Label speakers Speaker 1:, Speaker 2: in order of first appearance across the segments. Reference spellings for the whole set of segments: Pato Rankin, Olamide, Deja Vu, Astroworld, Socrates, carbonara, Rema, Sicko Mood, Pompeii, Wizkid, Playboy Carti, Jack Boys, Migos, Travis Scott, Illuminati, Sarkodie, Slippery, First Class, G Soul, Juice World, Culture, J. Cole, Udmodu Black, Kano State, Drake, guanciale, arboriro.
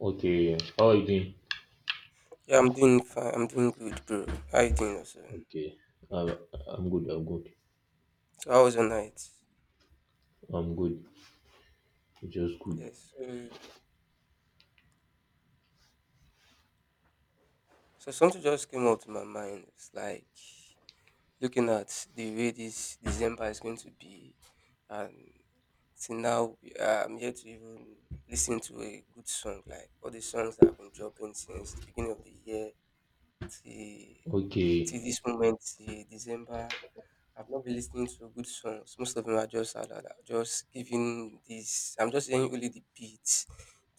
Speaker 1: Okay, how are you doing?
Speaker 2: Yeah, I'm doing fine. I'm doing good, bro. How you doing also?
Speaker 1: Okay, I'm, I'm good, I'm good,
Speaker 2: So how was your night?
Speaker 1: I'm good, just good.
Speaker 2: Yes. So, something just came up to my mind. It's like looking at the way this December is going to be, and I'm yet to even listen to a good song. Like all the songs that have been dropping since the beginning of the year, Till
Speaker 1: Okay,
Speaker 2: till this moment, till December, I've not been listening to good songs. Most of them are just alala, just giving this. I'm just hearing only the beats,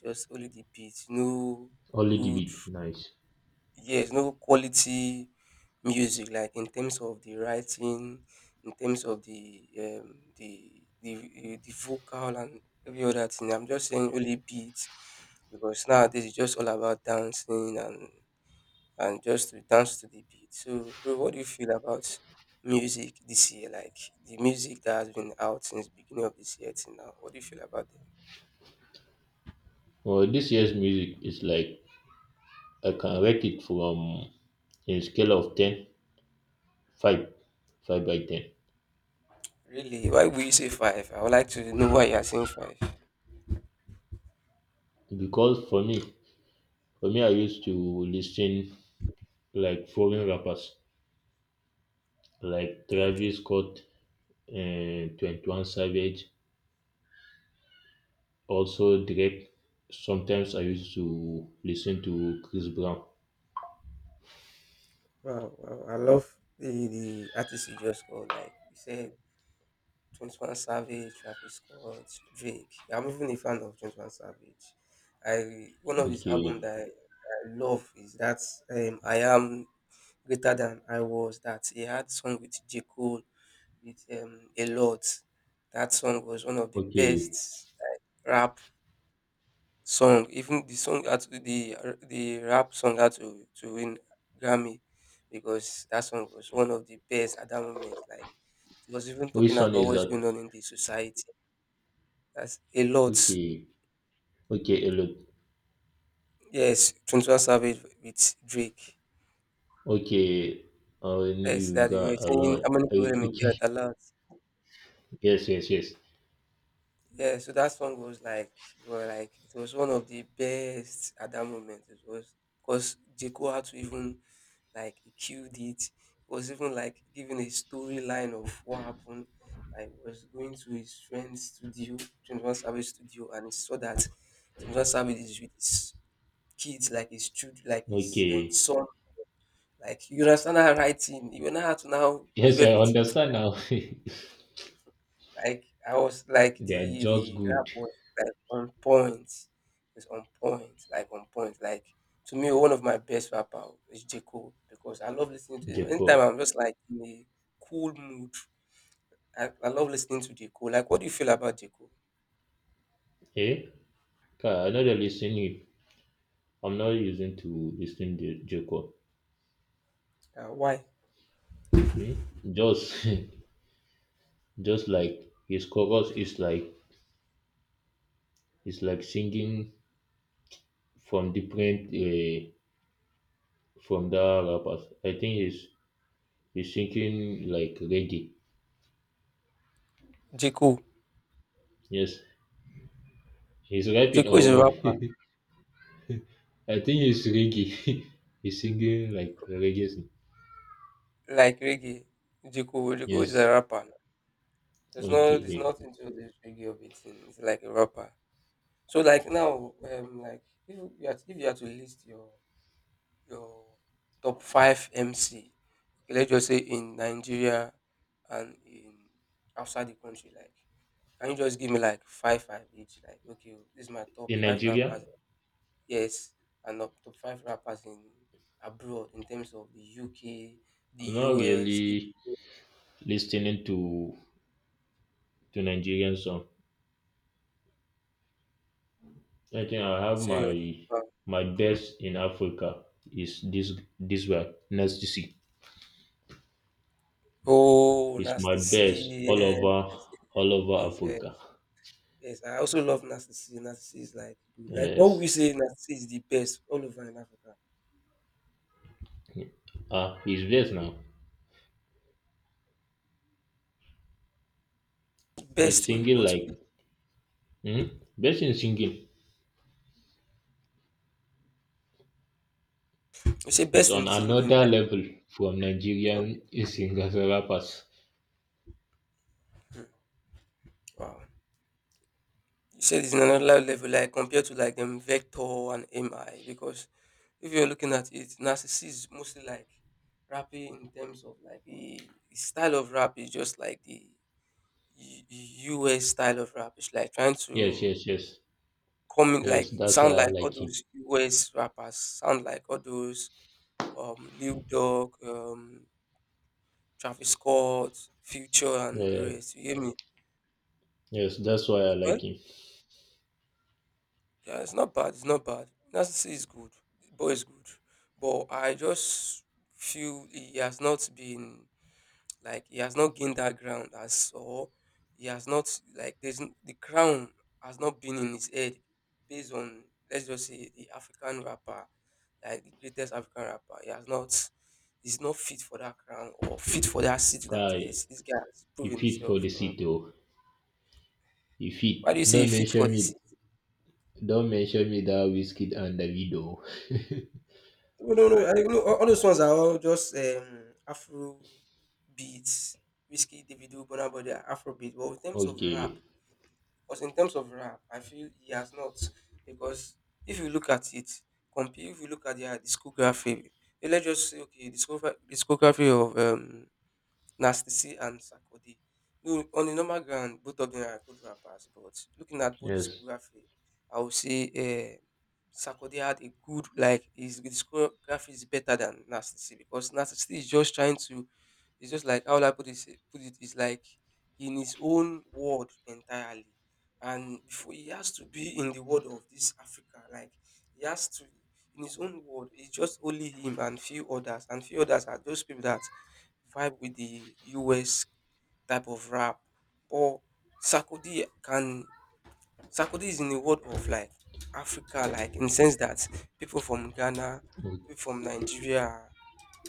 Speaker 2: just only the beats. No
Speaker 1: only the
Speaker 2: good,
Speaker 1: beat, nice.
Speaker 2: yes, no quality music. Like in terms of the writing, in terms of the the vocal and every other thing. I'm just saying only beats because nowadays it's just all about dancing and just to dance to the beat. So, bro, what do you feel about music this year? Like the music that has been out since beginning of this year till now. What do you feel about them?
Speaker 1: Well, this year's music is like I can rate it from a scale of 10, 5, 5 by 10.
Speaker 2: Really? Why would you say five? I would like to know why you are saying five.
Speaker 1: Because for me, I used to listen like foreign rappers like
Speaker 2: Okay.
Speaker 1: Travis Scott, and 21 Savage, also Drake. Sometimes I used to listen to Chris Brown.
Speaker 2: Wow, wow. I love the artist you just called. Like you said, 21 Savage, Travis Scott, Drake. I'm even a fan of 21 Savage. I one of his
Speaker 1: Okay,
Speaker 2: album that I love is that I am greater than I was, that he had song with J. Cole with a lot. That song was one of the
Speaker 1: okay,
Speaker 2: best, like, rap song. Even the song had to, the rap song had to win Grammy because that song was one of the best at that moment. Like it was even talking
Speaker 1: which one
Speaker 2: about
Speaker 1: is
Speaker 2: what's
Speaker 1: that?
Speaker 2: going on in the society. That's a lot.
Speaker 1: Okay, okay, a lot.
Speaker 2: Yes, 21 Savage with Drake.
Speaker 1: Okay, I
Speaker 2: Yes,
Speaker 1: you
Speaker 2: that they
Speaker 1: got
Speaker 2: were
Speaker 1: a
Speaker 2: saying
Speaker 1: lot.
Speaker 2: how many people
Speaker 1: Okay,
Speaker 2: in
Speaker 1: okay.
Speaker 2: Nigeria at allowed.
Speaker 1: Yes, yes, yes.
Speaker 2: Yeah, so that song was like, well, like it was one of the best at that moment. It was because Jeko had to even like he killed it. It was even like giving a storyline of what happened. I was going to his friend's studio, 21 Savage studio, and he saw that 21 Savage is with his kids, like his children, like his
Speaker 1: Okay,
Speaker 2: son. Like you understand that writing, you now have to now move
Speaker 1: yes, I
Speaker 2: everything.
Speaker 1: understand now. They
Speaker 2: Like I was like
Speaker 1: are
Speaker 2: the
Speaker 1: just
Speaker 2: the
Speaker 1: good,
Speaker 2: rap was like on point. It's on point. Like to me, one of my best rapper is J. Cole because I love listening to him. Anytime
Speaker 1: Jacob.
Speaker 2: I'm just like in a cool mood, I love listening to J. Cole. Like, what do you feel about J. Cole?
Speaker 1: Eh? I know they're listening. I'm not using to listen to Jacob.
Speaker 2: Why?
Speaker 1: Hmm? Just, just like his chorus is like it's like singing from different from the rappers. I think it's He's thinking like reggae.
Speaker 2: J. Cole.
Speaker 1: Yes, he's
Speaker 2: J.
Speaker 1: rapping
Speaker 2: Cole is a
Speaker 1: or
Speaker 2: rapper.
Speaker 1: I think he's reggae. He's singing like reggae song.
Speaker 2: Like reggae. J. Cole is a
Speaker 1: Yes.
Speaker 2: rapper. There's no,
Speaker 1: Okay,
Speaker 2: it's
Speaker 1: hey.
Speaker 2: not into the reggae of it. It's like a rapper. So like now, like if you had to list your top 5 MC, okay, let's just say in Nigeria and in outside the country, like, can you just give me like five each? Like, okay, oh, this is my top
Speaker 1: In
Speaker 2: five rappers,
Speaker 1: Nigeria,
Speaker 2: yes, and top five rappers in abroad in terms of the UK, the
Speaker 1: I'm not
Speaker 2: US, the
Speaker 1: really listening to Nigerian song. I think I have
Speaker 2: serious.
Speaker 1: my
Speaker 2: Wow.
Speaker 1: best in Africa is this guy Nasty C.
Speaker 2: Oh,
Speaker 1: It's my
Speaker 2: Nasty C,
Speaker 1: best all
Speaker 2: yes,
Speaker 1: over
Speaker 2: yes, yes, yes.
Speaker 1: Africa.
Speaker 2: Yes, I also love Nasty C. Nasty C is like good. Like what we
Speaker 1: Yes.
Speaker 2: say, Nasty C is the best all over in Africa.
Speaker 1: Ah, he's best now. He's
Speaker 2: Best in
Speaker 1: singing
Speaker 2: what way?
Speaker 1: like hmm? best in singing.
Speaker 2: You say
Speaker 1: He's
Speaker 2: best in
Speaker 1: on
Speaker 2: singing,
Speaker 1: another
Speaker 2: like
Speaker 1: level from Nigerian
Speaker 2: okay.
Speaker 1: singers rappers.
Speaker 2: Mm, wow. You said it's in another level, like compared to like them Vector and MI, because if you're looking at it, Narcissus is mostly like rapping in terms of like the style of rap is just like the US style of rap. It's like trying
Speaker 1: Yes,
Speaker 2: to
Speaker 1: yes, yes.
Speaker 2: come in,
Speaker 1: Yes,
Speaker 2: like
Speaker 1: that's
Speaker 2: sound
Speaker 1: why I
Speaker 2: like all
Speaker 1: like him.
Speaker 2: those US rappers, sound like all those Lil Dog, Travis Scott, Future and the
Speaker 1: Yeah,
Speaker 2: rest. You hear me?
Speaker 1: yes, that's why I like
Speaker 2: Well,
Speaker 1: him.
Speaker 2: yeah, it's not bad. It's not bad. Nancy is good. The boy is good. But I just feel he has not been, like he has not gained that ground as, or he has not, like there's the crown has not been in his head, based on, let's just say, the African rapper, like the greatest African rapper. He has not, he's not fit for that crown or fit for that seat, that
Speaker 1: I
Speaker 2: yes, this guy has
Speaker 1: He
Speaker 2: proven
Speaker 1: fit for
Speaker 2: himself,
Speaker 1: the
Speaker 2: you know.
Speaker 1: city. Oh. He
Speaker 2: Why do you
Speaker 1: fit.
Speaker 2: say he
Speaker 1: Don't
Speaker 2: fit for
Speaker 1: mention me.
Speaker 2: this?
Speaker 1: Don't mention me that whiskey and the video.
Speaker 2: No, no, no. I think no, all those ones are all just Afro beats, Whiskey, Davido, Burna Boy, they are Afro beats. But in terms of rap,
Speaker 1: Okay.
Speaker 2: because in terms of rap, I feel he has not. Because if you look at it, compare, if you look at their discography, eh, let's just say okay, discography of Nasty and Sarkodie. No, on a normal ground, both of them are good rappers, but looking at both
Speaker 1: Yes.
Speaker 2: discography, I would say Sarkodie had a good, like, his discography is better than Nastisi because Nastisi is just trying to, it's just like, how will I put it, is like in his own world entirely. And before he has to be in the world of this Africa, like, he has to, in his own world, it's just only him and few others are those people that vibe with the US type of rap. But Sarkodie can Sarkodie is in the world of like Africa, like in the sense that people from Ghana,
Speaker 1: Mm.
Speaker 2: people from Nigeria are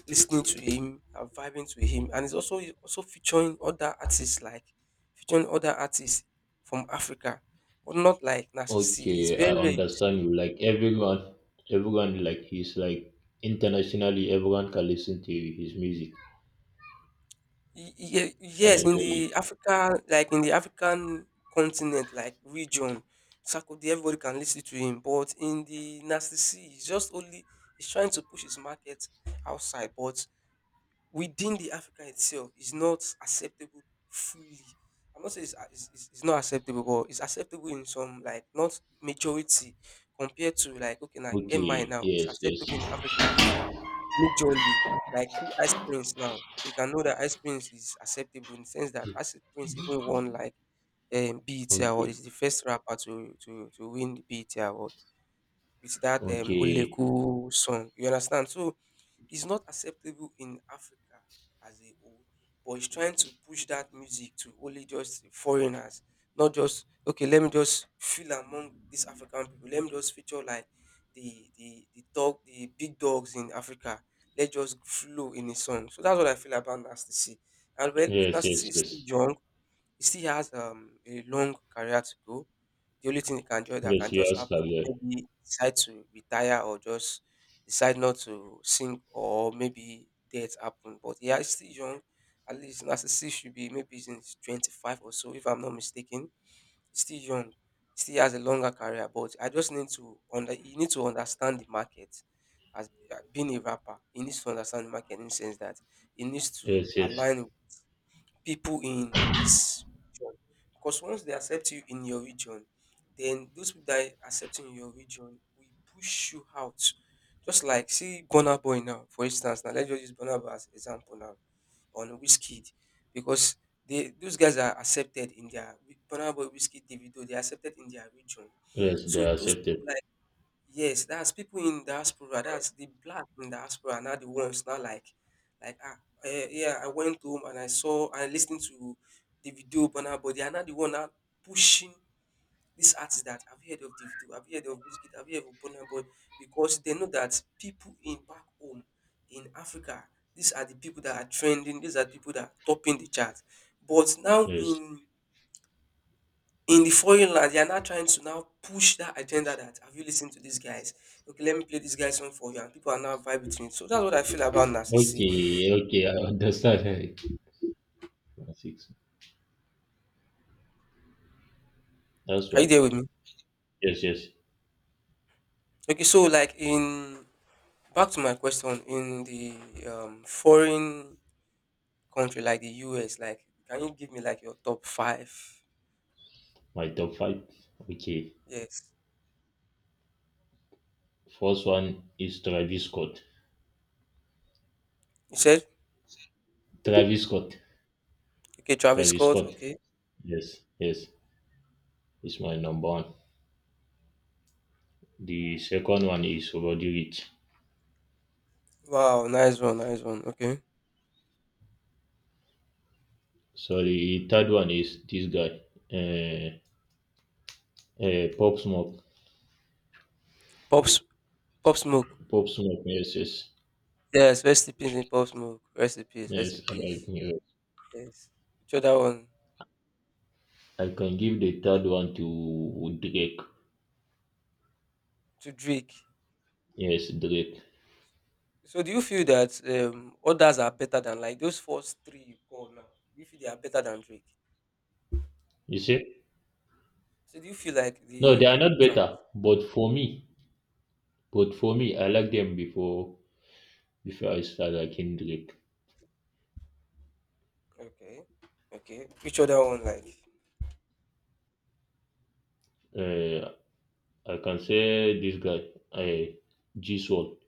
Speaker 2: listening to him, are vibing to him, and he's also featuring other artists like featuring other artists from Africa, but not like Nasty C. It's
Speaker 1: Okay,
Speaker 2: very
Speaker 1: I
Speaker 2: rare.
Speaker 1: understand you. Like everyone, like he's like internationally everyone can listen to his music
Speaker 2: Y- ye-
Speaker 1: and
Speaker 2: yes,
Speaker 1: enjoy
Speaker 2: in the
Speaker 1: it.
Speaker 2: Africa, like in the African continent, like region, Sarkozy, everybody can listen to him. But in the Nasty C, he's just only he's trying to push his market outside, but within the Africa itself, it's not acceptable fully. I'm not saying it's not acceptable, but it's acceptable in some, like not majority compared to like okay, like MI
Speaker 1: Okay,
Speaker 2: now, it's
Speaker 1: yes, yes.
Speaker 2: acceptable in Africa Majorly, like see aspirins now, you can know that Ice aspirins is acceptable in the sense that Ice aspirins even won like BET award. It's
Speaker 1: Okay.
Speaker 2: the first rapper to win the BET award with that
Speaker 1: Okay.
Speaker 2: Oleku song. You understand? So it's not acceptable in Africa as a whole, but he's trying to push that music to only just foreigners, not just okay, let me just feel among these African people. Let me just feature like the dog the big dogs in Africa. Let's just flow in his song. So that's what I feel about Nasty C. And well,
Speaker 1: Yes,
Speaker 2: Nasty C
Speaker 1: yes,
Speaker 2: is still
Speaker 1: yes.
Speaker 2: young. He still has a long career to go. The only thing he can do that
Speaker 1: Yes,
Speaker 2: can
Speaker 1: you
Speaker 2: just
Speaker 1: asked
Speaker 2: happen is
Speaker 1: earlier.
Speaker 2: maybe decide to retire or just decide not to sing or maybe death happen. But yeah, he's still young. At least Narcissist should be, maybe he's in his 25 or so, if I'm not mistaken. He's still young. He still has a longer career. But I just need to under, you need to understand the market as being a rapper. He needs to understand the market in the sense that he needs to
Speaker 1: Yes, yes.
Speaker 2: align people in his region. Because once they accept you in your region, then those people that accept you in your region will push you out. Just like see Burna Boy now, for instance. Now let's just use Burna Boy as example now on Wizkid because they those guys are accepted in their Burna Boy, Wizkid, Davido. They are accepted in their region.
Speaker 1: Yes,
Speaker 2: So
Speaker 1: they are
Speaker 2: those
Speaker 1: accepted.
Speaker 2: people, yes, that's people in diaspora. That's the black in diaspora are now the ones now like ah, eh, yeah. I went home and I saw and I listened to the video Burna Boy. They are not the one now pushing this artist, that have you heard of Davido? Have you heard of Wizkid? Have you heard of Burna Boy? Because they know that people in back home in Africa, these are the people that are trending. These are the people that are topping the chart. But now
Speaker 1: Yes.
Speaker 2: in the foreign land, they are now trying to now push that agenda that have you listened to these guys? Okay, let me play this guy's song for you, and people are now vibing to it. So that's what I feel about narcissism.
Speaker 1: Okay, okay, I understand. Six. That's
Speaker 2: Are you
Speaker 1: why.
Speaker 2: there with me?
Speaker 1: Yes, yes.
Speaker 2: Okay, so like in back to my question, in the foreign country like the US, like can you give me like your top five?
Speaker 1: My top five. Okay.
Speaker 2: Yes,
Speaker 1: First one is Travis Scott.
Speaker 2: you said
Speaker 1: Travis Scott.
Speaker 2: okay, Travis
Speaker 1: Travis
Speaker 2: Scott.
Speaker 1: Scott.
Speaker 2: Okay,
Speaker 1: Yes, yes. It's my number one. The second one is Roddy Rich.
Speaker 2: wow, nice one, nice one. Okay,
Speaker 1: So the third one is this guy. Uh, Pop Smoke.
Speaker 2: pops, pop smoke.
Speaker 1: Pop Smoke, yes, yes.
Speaker 2: Yes, rest in peace, in pop smoke. Rest in peace, rest in
Speaker 1: Yes,
Speaker 2: peace. Yes, which other one?
Speaker 1: I can give the third one to Drake.
Speaker 2: To Drake.
Speaker 1: Yes, Drake.
Speaker 2: So do you feel that others are better than those first three you call now? Do you feel they are better than Drake?
Speaker 1: You see?
Speaker 2: So do you feel like
Speaker 1: No, they
Speaker 2: the
Speaker 1: are not
Speaker 2: trap?
Speaker 1: better, but for me, I like them before I start liking Drake.
Speaker 2: Okay, okay. Which other one like?
Speaker 1: Uh, I can say this guy, G Soul,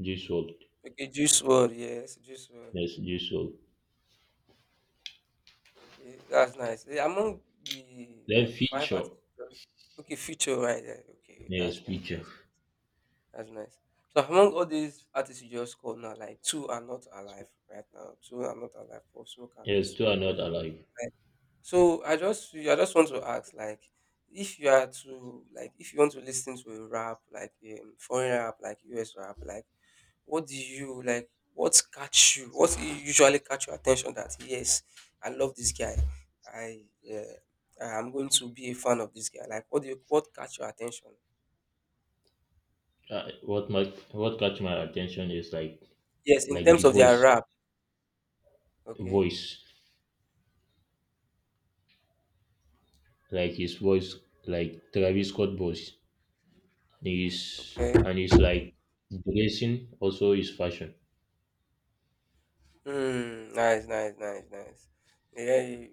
Speaker 1: G Soul.
Speaker 2: Okay, Juice World. Yes, Juice World.
Speaker 1: Yes, G Soul.
Speaker 2: Okay, that's nice. Eh, among the
Speaker 1: Then
Speaker 2: like five
Speaker 1: Feature.
Speaker 2: artists, okay, Future right there. Okay,
Speaker 1: Yes,
Speaker 2: that's nice.
Speaker 1: Feature.
Speaker 2: That's nice. So among all these artists you just called now, like two are not alive right now. Two are not alive. Pop Smoke and
Speaker 1: Yes,
Speaker 2: Juice
Speaker 1: two are
Speaker 2: World.
Speaker 1: not alike.
Speaker 2: Like, so I just want to ask, like, if you are to like if you want to listen to a rap, like foreign rap, like US rap, like what do you like? What catch you? Usually catch your attention? That yes, I love this guy. I I'm going to be a fan of this guy. Like, what catch your attention?
Speaker 1: Uh, what my what catch my attention is like
Speaker 2: Yes, in terms
Speaker 1: the
Speaker 2: of their
Speaker 1: voice,
Speaker 2: rap. Okay,
Speaker 1: voice. Like his voice like Travis Scott voice and his
Speaker 2: okay.
Speaker 1: and his like dressing also his fashion.
Speaker 2: Hmm. Nice, nice, nice, nice. Yeah,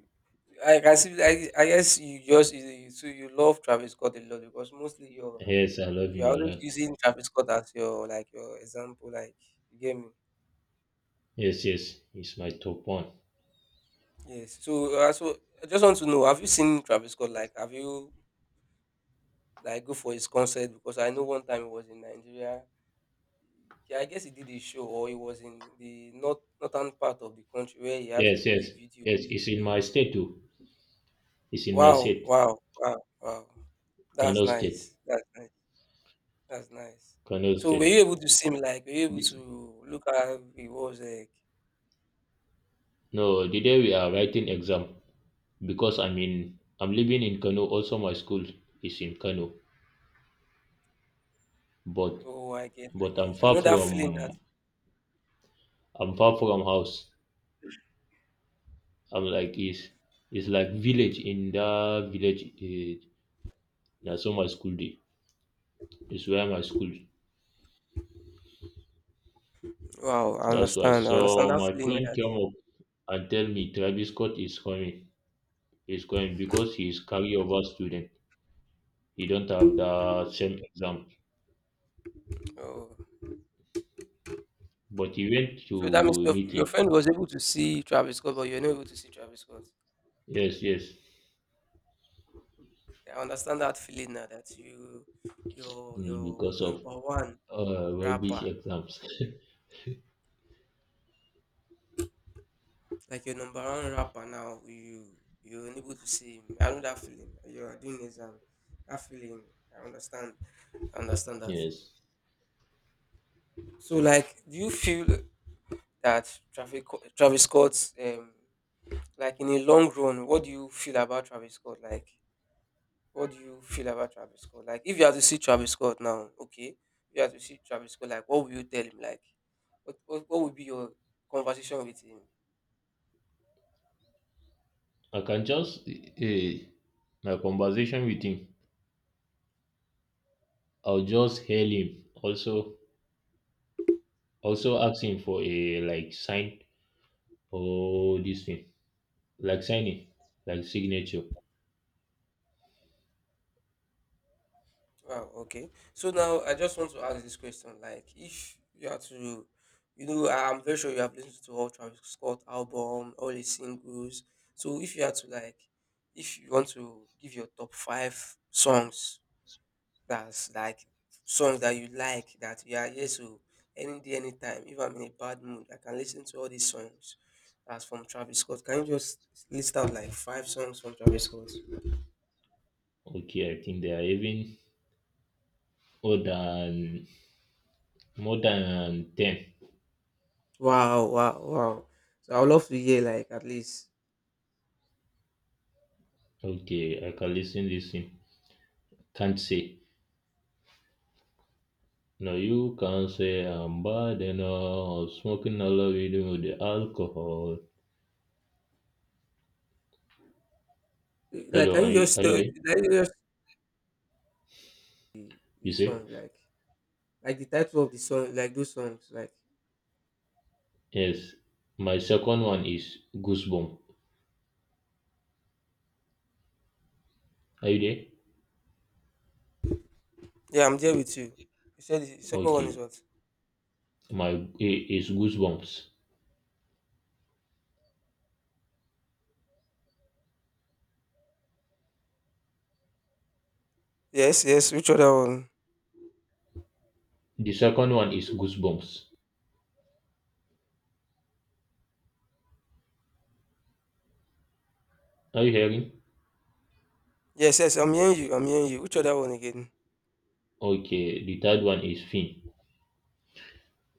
Speaker 2: I can see. I guess so you love Travis Scott a lot because mostly
Speaker 1: Yes, I love
Speaker 2: you're
Speaker 1: him a
Speaker 2: always
Speaker 1: lot.
Speaker 2: using Travis Scott as your like your example. Like you get me?
Speaker 1: Yes, yes, he's my top one.
Speaker 2: Yes. So so I just want to know: have you seen Travis Scott? Like, have you like go for his concert? Because I know one time he was in Nigeria. Yeah, I guess he did a show, or he was in the northern part of the country where he had to
Speaker 1: Yes,
Speaker 2: do a
Speaker 1: yes,
Speaker 2: video.
Speaker 1: yes, it's in
Speaker 2: Video.
Speaker 1: my state too. It's in my
Speaker 2: Wow!
Speaker 1: state,
Speaker 2: Wow! Wow! Wow! That's
Speaker 1: Kano State,
Speaker 2: nice. That's nice. That's nice.
Speaker 1: Kano
Speaker 2: So were you
Speaker 1: State.
Speaker 2: able to see him, like, were you able
Speaker 1: This-
Speaker 2: to look at how he was like,
Speaker 1: No, the day we are writing exam because I'm living in Kano. Also, my school is in Kano, but
Speaker 2: "Oh, I get, I
Speaker 1: but I'm
Speaker 2: get." I
Speaker 1: far
Speaker 2: know that feeling that
Speaker 1: from I'm far from house. I'm like it's like village in that village. Eh, na so my school day. It's where my school.
Speaker 2: wow, I
Speaker 1: That's why.
Speaker 2: understand. I understand
Speaker 1: So
Speaker 2: that
Speaker 1: my
Speaker 2: feeling
Speaker 1: friend
Speaker 2: that
Speaker 1: came up and tell me Travis Scott is coming. He's coming because he's carryover student. He don't have the same exam.
Speaker 2: oh.
Speaker 1: But he went
Speaker 2: So that means
Speaker 1: to meet
Speaker 2: your
Speaker 1: him.
Speaker 2: friend was able to see Travis Scott, but you're not able to see Travis Scott.
Speaker 1: Yes, yes.
Speaker 2: I understand that feeling now that you
Speaker 1: Mm,
Speaker 2: your
Speaker 1: Because of
Speaker 2: number one rapper,
Speaker 1: rubbish exams.
Speaker 2: like your number one rapper now, you're unable to see him. I know that feeling. You're doing exam. That feeling. I understand. I understand that feeling.
Speaker 1: Yes.
Speaker 2: So, like, do you feel that Travis Scott's like in a long run? What do you feel about Travis Scott? Like, what do you feel about Travis Scott? Like, if you had to see Travis Scott now, okay, if you had to see Travis Scott, like, what would you tell him? Like, what would be your conversation with him?
Speaker 1: I can just my conversation with him. I'll just hail him. Also, asking for a like sign or this thing, like signing, like signature.
Speaker 2: Wow, okay. So now I just want to ask this question. Like, if you are to, you know, I'm very sure you have listened to all Travis Scott album, all his singles. So if you are to like, if you want to give your top five songs, that's like songs that you like, that you are here to any day, anytime. If I'm in a bad mood, I can listen to all these songs. That's from Travis Scott. Can you just list out like five songs from Travis Scott?
Speaker 1: Okay, I think they are even more than 10.
Speaker 2: Wow, wow, wow. So I would love to hear like at least
Speaker 1: Okay, I can listen. Can't say. No, you can't say I'm bad enough. Smoking a lot with the alcohol.
Speaker 2: like,
Speaker 1: Hello,
Speaker 2: can you just
Speaker 1: are you
Speaker 2: tell?
Speaker 1: there?
Speaker 2: Can you just the
Speaker 1: You say?
Speaker 2: song like the title of the song like those songs like?
Speaker 1: Yes. My second one is goosebump. Are you there?
Speaker 2: Yeah, I'm there with you. You said the second one is
Speaker 1: Okay.
Speaker 2: what?
Speaker 1: My is goosebumps.
Speaker 2: Yes, yes. Which other one?
Speaker 1: The second one is goosebumps. Are you hearing?
Speaker 2: Yes, yes. I'm hearing you. I'm hearing you. Which other one again?
Speaker 1: Okay, the third one is Finn.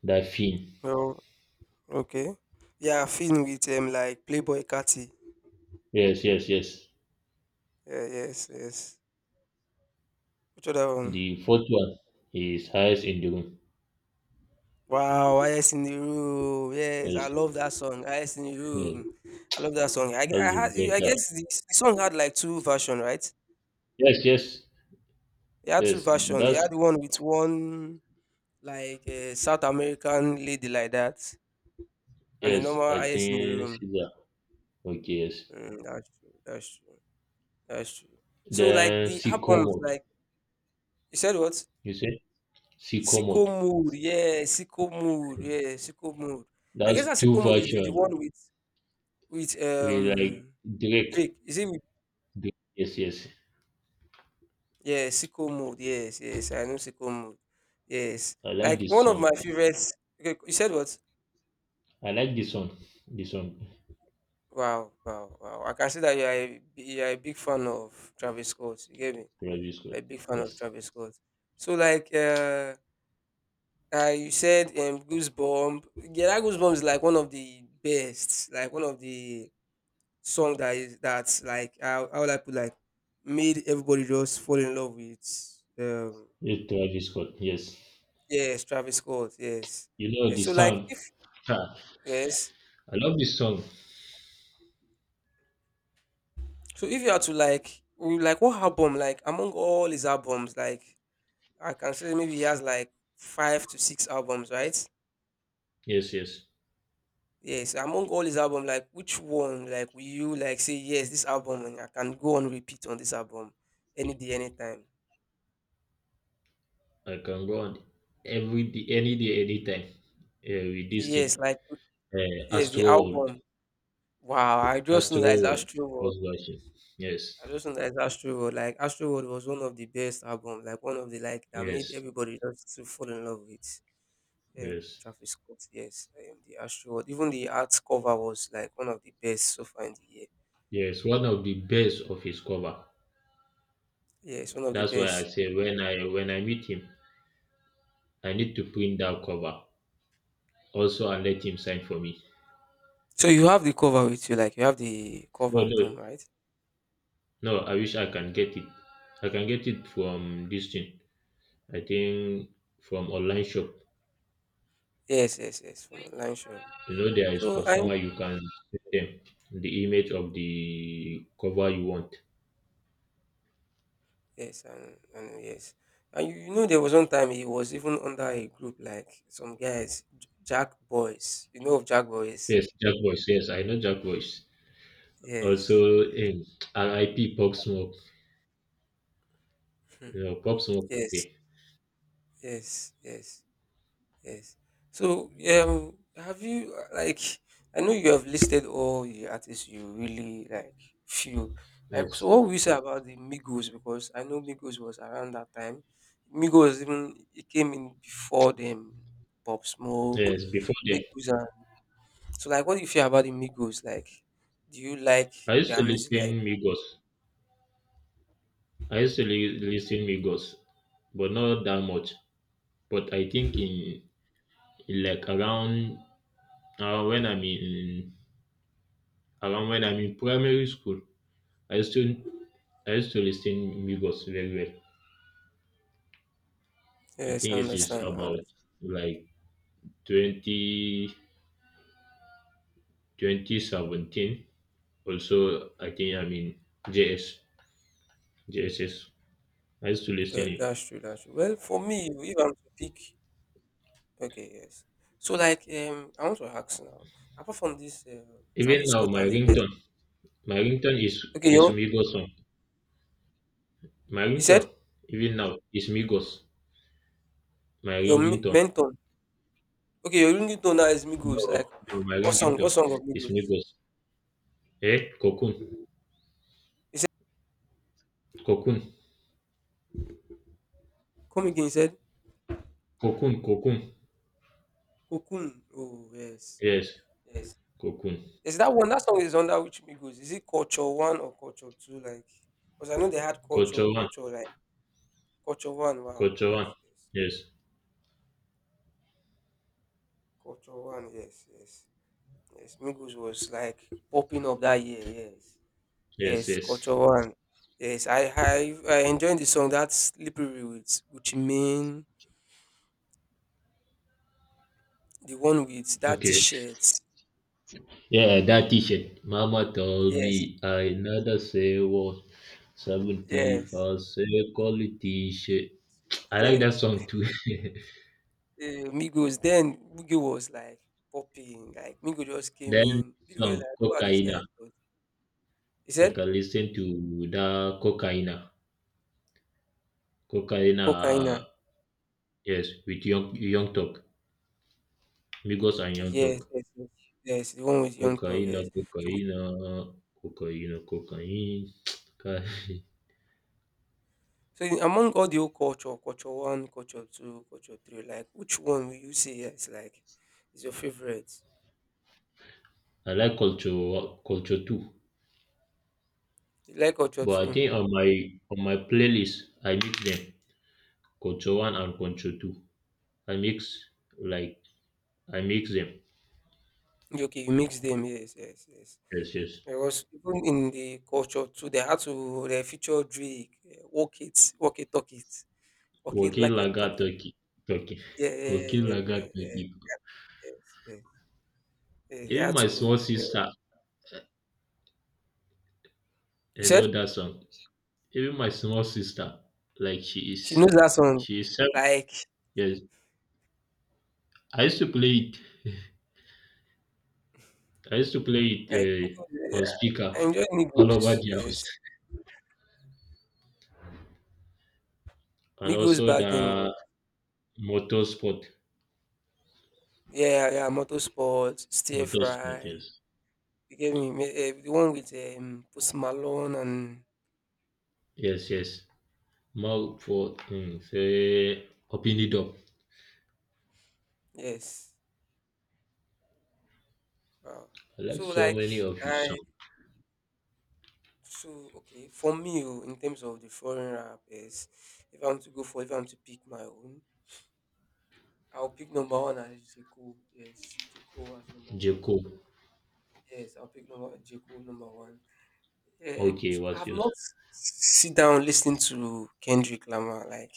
Speaker 1: That Finn.
Speaker 2: Oh, okay. Yeah, Finn with like Playboy Catty.
Speaker 1: Yes, yes, yes.
Speaker 2: Yeah, yes, yes. Which other one?
Speaker 1: The fourth one is highest in the room.
Speaker 2: Wow, IS in the room. Yes, I
Speaker 1: Yes,
Speaker 2: love that song. IS in the
Speaker 1: yes.
Speaker 2: room. I love that song.
Speaker 1: That's
Speaker 2: I had
Speaker 1: the
Speaker 2: I
Speaker 1: better.
Speaker 2: guess the song had like two versions, right?
Speaker 1: Yes, yes,
Speaker 2: He had two
Speaker 1: yes.
Speaker 2: versions. He
Speaker 1: That's
Speaker 2: had one with one like a South American lady like that, and the
Speaker 1: yes.
Speaker 2: normal
Speaker 1: I
Speaker 2: highest in the
Speaker 1: think
Speaker 2: room.
Speaker 1: she's a okay. Yes.
Speaker 2: Mm, that's true. That's true. That's true. So like
Speaker 1: Then
Speaker 2: the
Speaker 1: Sicko
Speaker 2: albums,
Speaker 1: mode.
Speaker 2: like you said, what
Speaker 1: You said Sicko
Speaker 2: Sicko
Speaker 1: mode.
Speaker 2: Mood? Yeah, Sicko Mood. Yeah, Sicko Mood. I guess
Speaker 1: That's
Speaker 2: that
Speaker 1: two
Speaker 2: Sicko Mood is the
Speaker 1: version.
Speaker 2: one with with
Speaker 1: We like
Speaker 2: um
Speaker 1: Drake.
Speaker 2: Drake. Is it? With,
Speaker 1: Drake. Yes, yes.
Speaker 2: yeah, Sicko Mood. Yes, yes. I know Sicko Mood. Yes.
Speaker 1: I like
Speaker 2: Like
Speaker 1: this
Speaker 2: one of my
Speaker 1: song.
Speaker 2: favorites. Okay, you said what?
Speaker 1: I like this song. This song.
Speaker 2: Wow, wow, wow. I can see that you are a big fan of Travis Scott. You get me?
Speaker 1: Travis Scott.
Speaker 2: A big fan of
Speaker 1: Yes.
Speaker 2: Travis Scott. So like you said Goosebump. Yeah, that Goosebump is like one of the best, like one of the song that is that's like how would I put like made everybody just fall in love with um
Speaker 1: Yes, Travis Scott. Yes.
Speaker 2: yes, Travis Scott, yes.
Speaker 1: You know
Speaker 2: Yes.
Speaker 1: the
Speaker 2: So like
Speaker 1: sound.
Speaker 2: if
Speaker 1: Ha,
Speaker 2: yes.
Speaker 1: I love this song.
Speaker 2: So if you are to like like what album, like among all his albums, like I can say maybe he has like five to six albums, right?
Speaker 1: Yes, yes.
Speaker 2: Yes. Among all his album, like which one, like will you like say yes, this album, and I can go on repeat on this album any day, anytime.
Speaker 1: I can go on every day, any day, anytime. With this thing.
Speaker 2: Yes, like yes,
Speaker 1: Astro
Speaker 2: the
Speaker 1: World.
Speaker 2: album. Wow, I just know
Speaker 1: Astro
Speaker 2: that it's
Speaker 1: World
Speaker 2: Astro World.
Speaker 1: first version. Yes.
Speaker 2: I just know that it's Astro World. Like Astro World was one of the best album, like one of the like that made
Speaker 1: Yes.
Speaker 2: everybody just to fall in love with.
Speaker 1: Yes.
Speaker 2: Travis Scott, yes, the Astro World. Even the art cover was like one of the best so far in the year.
Speaker 1: Yes. One of the best of his cover.
Speaker 2: Yes, one of the
Speaker 1: That's why I
Speaker 2: best.
Speaker 1: say when I meet him, I need to print that cover. Also and let him sign for me.
Speaker 2: So you have the cover with you, like you have the cover
Speaker 1: No,
Speaker 2: at home,
Speaker 1: no,
Speaker 2: right?
Speaker 1: no, I wish I can get it. I can get it from this thing. I think from online shop.
Speaker 2: Yes, yes, yes, from online shop.
Speaker 1: You know there is
Speaker 2: So I
Speaker 1: consumer you can give them the image of the cover you want.
Speaker 2: yes, and yes, and you know there was one time he was even under a group like some guys, Jack Boys. You know of Jack Boys?
Speaker 1: Yes, Jack Boys, yes, I know Jack Boys. Also,
Speaker 2: Yes,
Speaker 1: RIP Pop Smoke.
Speaker 2: hmm.
Speaker 1: You know Pop Smoke. Yeah.
Speaker 2: Yes, yes, yes. Yes. So, have you like I know you have listed all the artists you really like feel like. So,
Speaker 1: Yes,
Speaker 2: what would you say about the Migos? Because I know Migos was around that time. Migos even it came in before them. Pop Smoke,
Speaker 1: yes, before them.
Speaker 2: Migos. Are, so, like, what do you feel about the Migos? Like, do you like
Speaker 1: I used to
Speaker 2: their music?
Speaker 1: listen
Speaker 2: Like,
Speaker 1: Migos. I used to listen Migos but not that much, but I think in like around when I'm in around when I'm in primary school. i used to I used to listen Migos very well. I
Speaker 2: yes, I
Speaker 1: think it is
Speaker 2: understand. I understand.
Speaker 1: about like 20 2017. Also, I think I'm in JS, used to listen
Speaker 2: Yeah,
Speaker 1: it.
Speaker 2: that's true. That's true. Well, for me, if I'm to pick okay, yes. So like I want to ask now, apart from this
Speaker 1: Even
Speaker 2: Travis
Speaker 1: now,
Speaker 2: Scott
Speaker 1: my
Speaker 2: and the rest,
Speaker 1: ringtone is
Speaker 2: okay, your
Speaker 1: Migos song. My
Speaker 2: you said
Speaker 1: ringtone, even now, is Migos. My
Speaker 2: your
Speaker 1: ringing tone.
Speaker 2: mentor, okay, your ringtone now is
Speaker 1: No,
Speaker 2: Migos, like
Speaker 1: no, my ringing
Speaker 2: what
Speaker 1: tone
Speaker 2: song of
Speaker 1: is
Speaker 2: Migos?
Speaker 1: Migos. Eh, Cocoon,
Speaker 2: He said
Speaker 1: Cocoon,
Speaker 2: come again, he said
Speaker 1: Cocoon, Cocoon.
Speaker 2: Cocoon. Oh yes,
Speaker 1: Yes,
Speaker 2: yes.
Speaker 1: Cocoon.
Speaker 2: Is that one that song is under which Migos? Is it culture one or culture two? Like because I know they had culture,
Speaker 1: Culture One,
Speaker 2: culture, like culture one, wow,
Speaker 1: Culture
Speaker 2: yes,
Speaker 1: One.
Speaker 2: yes.
Speaker 1: Yes,
Speaker 2: Culture one, yes, yes. Yes, Migos was like popping up that year, yes.
Speaker 1: yes,
Speaker 2: Yes,
Speaker 1: yes.
Speaker 2: Culture One. Yes, I I enjoyed the song that Slippery with Gucci Mane, the one with that
Speaker 1: Okay.
Speaker 2: T-shirt.
Speaker 1: Yeah, that t-shirt. Mama told
Speaker 2: Yes,
Speaker 1: me another sale was 70
Speaker 2: yes,
Speaker 1: for sale quality shirt. I like
Speaker 2: shirt.
Speaker 1: that song too.
Speaker 2: Migos. Then Migos was like popping. Like Migos just came
Speaker 1: Then
Speaker 2: in. People were
Speaker 1: song
Speaker 2: like, "Who are these
Speaker 1: Cocaina.
Speaker 2: guys?" But he
Speaker 1: I
Speaker 2: said,
Speaker 1: can listen to the Cocaina. Cocaina,
Speaker 2: "Cocaina."
Speaker 1: uh, yes, with Young Young Talk. Migos and Young
Speaker 2: Yes,
Speaker 1: Talk.
Speaker 2: yes, yes, yes. The one with Young Thug.
Speaker 1: Cocaina,
Speaker 2: Yes. So,
Speaker 1: Cocaina, Cocaina, Cocaine.
Speaker 2: so among all the old culture, culture one, culture two, culture three, like which one will you say is like is your favorite?
Speaker 1: I like culture, culture too.
Speaker 2: Like culture
Speaker 1: But I
Speaker 2: too?
Speaker 1: think on my playlist I mix them. Control one and control two. I mix like I mix them.
Speaker 2: Okay, you mix them. Yes, yes, yes.
Speaker 1: Yes, yes.
Speaker 2: Because even in the culture too, they had to they feature Drake, eh, walk it, talk it, walk it
Speaker 1: Working
Speaker 2: like a
Speaker 1: laga
Speaker 2: talk it.
Speaker 1: turkey. Turkey.
Speaker 2: Yeah, yeah, yeah,
Speaker 1: Working
Speaker 2: yeah, yeah,
Speaker 1: laga
Speaker 2: yeah, yeah, yeah,
Speaker 1: turkey.
Speaker 2: yes, yes. Yeah, they
Speaker 1: Even
Speaker 2: had
Speaker 1: my
Speaker 2: to.
Speaker 1: small
Speaker 2: Eh,
Speaker 1: sister,
Speaker 2: you
Speaker 1: I
Speaker 2: said
Speaker 1: know that song. Even my small sister, like
Speaker 2: she knows that song,
Speaker 1: she is 7.
Speaker 2: like
Speaker 1: Yes. I used to play it. I used to play it
Speaker 2: like Migos,
Speaker 1: on
Speaker 2: yeah, I
Speaker 1: speaker
Speaker 2: enjoy
Speaker 1: all
Speaker 2: Migos.
Speaker 1: over the house.
Speaker 2: Yes,
Speaker 1: And
Speaker 2: Migos
Speaker 1: also
Speaker 2: back then was
Speaker 1: the motorsport.
Speaker 2: yeah, yeah, Motorsport, stir
Speaker 1: Motorsport,
Speaker 2: fry.
Speaker 1: yes.
Speaker 2: You get me? Eh, eh, the one with Post Malone and
Speaker 1: Yes, yes. Mouth for mm, say open it up.
Speaker 2: yes. Wow.
Speaker 1: I like
Speaker 2: So
Speaker 1: so
Speaker 2: like
Speaker 1: many of his
Speaker 2: I
Speaker 1: songs.
Speaker 2: so okay for me oh, in terms of the foreign rappers, if I'm to go for if I'm to pick my own, I'll pick number one as J Cole. Yes, J Cole as number one.
Speaker 1: Jacob.
Speaker 2: Yes, I'll pick number J Cole number one.
Speaker 1: Okay, what's
Speaker 2: I've not
Speaker 1: yours?
Speaker 2: sit down listening to Kendrick Lamar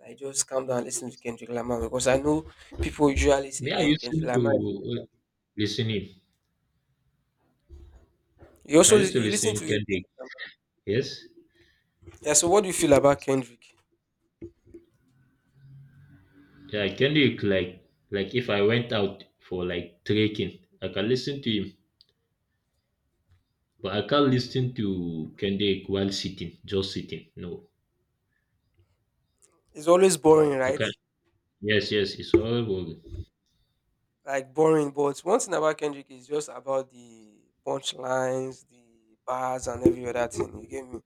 Speaker 2: like just calm down listen to Kendrick Lamar because I know people usually say
Speaker 1: Me, I
Speaker 2: eh,
Speaker 1: used to
Speaker 2: Kendrick Lamar.
Speaker 1: listen him.
Speaker 2: You
Speaker 1: I
Speaker 2: also
Speaker 1: used to
Speaker 2: you listen
Speaker 1: listen
Speaker 2: to
Speaker 1: Kendrick.
Speaker 2: Kendrick Lamar.
Speaker 1: Yes.
Speaker 2: Yeah. So what do you feel about Kendrick?
Speaker 1: Yeah, Kendrick like if I went out for like trekking, I can listen to him. But I can't listen to Kendrick while sitting, just sitting. No.
Speaker 2: It's always boring,
Speaker 1: I
Speaker 2: right?
Speaker 1: can't yes, yes, it's all good.
Speaker 2: Like boring. But one thing about Kendrick is just about the punchlines, the bars, and every other thing. You get me?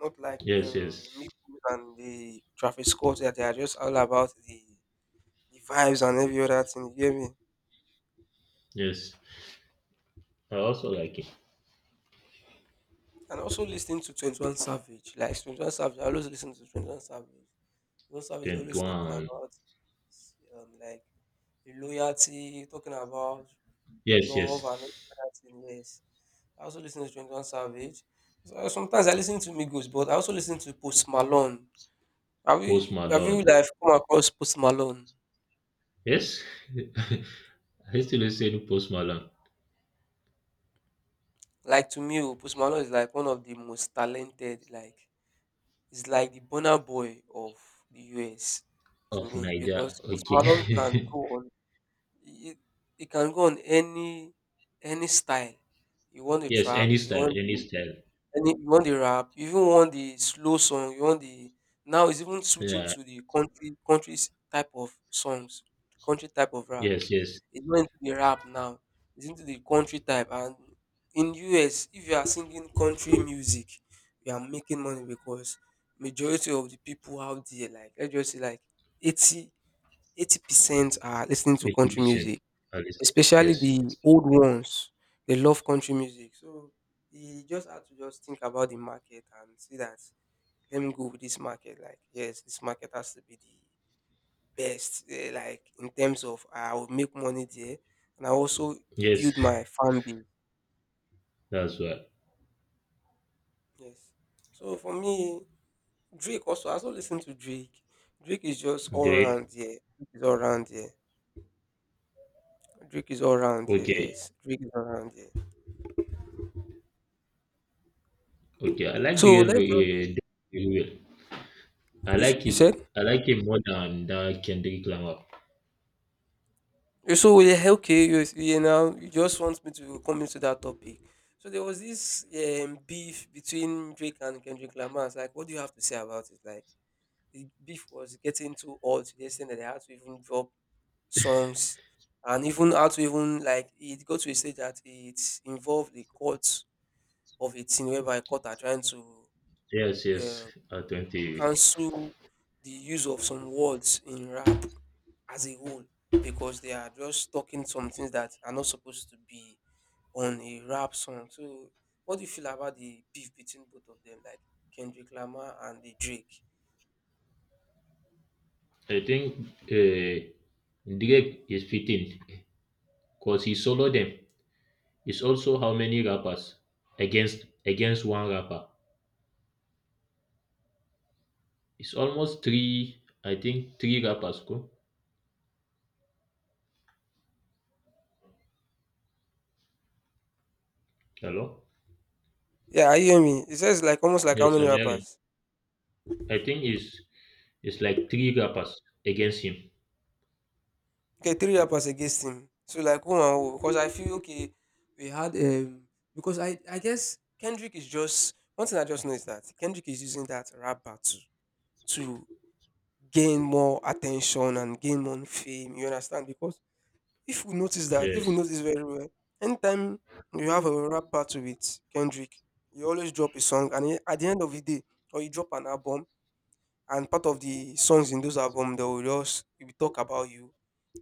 Speaker 2: Not like
Speaker 1: Yes,
Speaker 2: the
Speaker 1: yes.
Speaker 2: mix and the Traffic Scott that they are just all about the vibes and every other thing. You get me?
Speaker 1: Yes. I also like it.
Speaker 2: And also listening to 21 Savage, like 21 Savage. I always listen to 21 Savage. 21 Savage always talking about
Speaker 1: 21.
Speaker 2: like the loyalty, talking about
Speaker 1: Yes, yes.
Speaker 2: love and everything. Yes. I also listen to 21 Savage. So sometimes I listen to Migos, but I also listen to Post Malone. Have
Speaker 1: Post
Speaker 2: you have you
Speaker 1: Malone.
Speaker 2: like come across Post Malone?
Speaker 1: Yes? I still listen Post Malone
Speaker 2: Like to me, oh, Post Malone is like one of the most talented. Like it's like the Bonner Boy of the US to
Speaker 1: of
Speaker 2: me, because
Speaker 1: Niger.
Speaker 2: Post
Speaker 1: Okay.
Speaker 2: Malone can go on. He, he can go on any style. You want the
Speaker 1: Yes,
Speaker 2: trap?
Speaker 1: any
Speaker 2: You
Speaker 1: style,
Speaker 2: want
Speaker 1: any
Speaker 2: the,
Speaker 1: style.
Speaker 2: and you want the rap, you even want the slow song, you want the, now it's even switching
Speaker 1: Yeah.
Speaker 2: to the country type of songs, country type of rap.
Speaker 1: Yes, yes.
Speaker 2: It's not into the rap now. It's into the country type. And in US, if you are singing country music, you are making money, because majority of the people out there, like let's just say like eighty eighty percent are listening to country
Speaker 1: 80%.
Speaker 2: music.
Speaker 1: I listen.
Speaker 2: Especially
Speaker 1: Yes.
Speaker 2: the old ones, they love country music. So he just had to just think about the market and see that, let me go with this market. Like, yes, this market has to be the best. Like in terms of I will make money there and I also
Speaker 1: Yes,
Speaker 2: build my fan base.
Speaker 1: that's what.
Speaker 2: Yes. So for me, Drake also, I also listen to Drake. Drake is just all
Speaker 1: Drake.
Speaker 2: round here. Drake is all round here. Drake is all round here.
Speaker 1: Okay.
Speaker 2: Yes, Drake is all round here.
Speaker 1: Okay. I like
Speaker 2: So
Speaker 1: Drake
Speaker 2: let's just,
Speaker 1: very well. I like
Speaker 2: you
Speaker 1: him.
Speaker 2: said.
Speaker 1: I like him more than that Kendrick Lamar.
Speaker 2: So yeah, okay, you just want me to come into that topic. So there was this beef between Drake and Kendrick Lamar. It's like, what do you have to say about it? Like, the beef was getting too old to the extent that they had to even drop songs, and even how to even, like, it got to a stage that it involved the courts of a thing, whereby court are trying to
Speaker 1: Yes, yes.
Speaker 2: uh,
Speaker 1: I 20.
Speaker 2: cancel the use of some words in rap as a whole, because they are just talking some things that are not supposed to be on a rap song. So, what do you feel about the beef between both of them, like Kendrick Lamar and the Drake?
Speaker 1: I think uh, Drake is fitting because he solo them. It's also how many rappers against one rapper. It's almost three. I think three rappers. Go hello.
Speaker 2: Yeah, I hear me. It says like almost like how
Speaker 1: Yes,
Speaker 2: many
Speaker 1: I'm hearing.
Speaker 2: rappers?
Speaker 1: I think it's like three rappers against him.
Speaker 2: Okay, three rappers against him. So like who and who? Because I feel, okay, we had, because I guess Kendrick, is just one thing I just know is that Kendrick is using that rap battle to gain more attention and gain more fame. You understand? Because if we notice that, if we
Speaker 1: Yes.
Speaker 2: notice very well, anytime you have a rap battle with Kendrick, you always drop a song, and at the end of the day, or you drop an album, and part of the songs in those albums, they will just, we talk about you.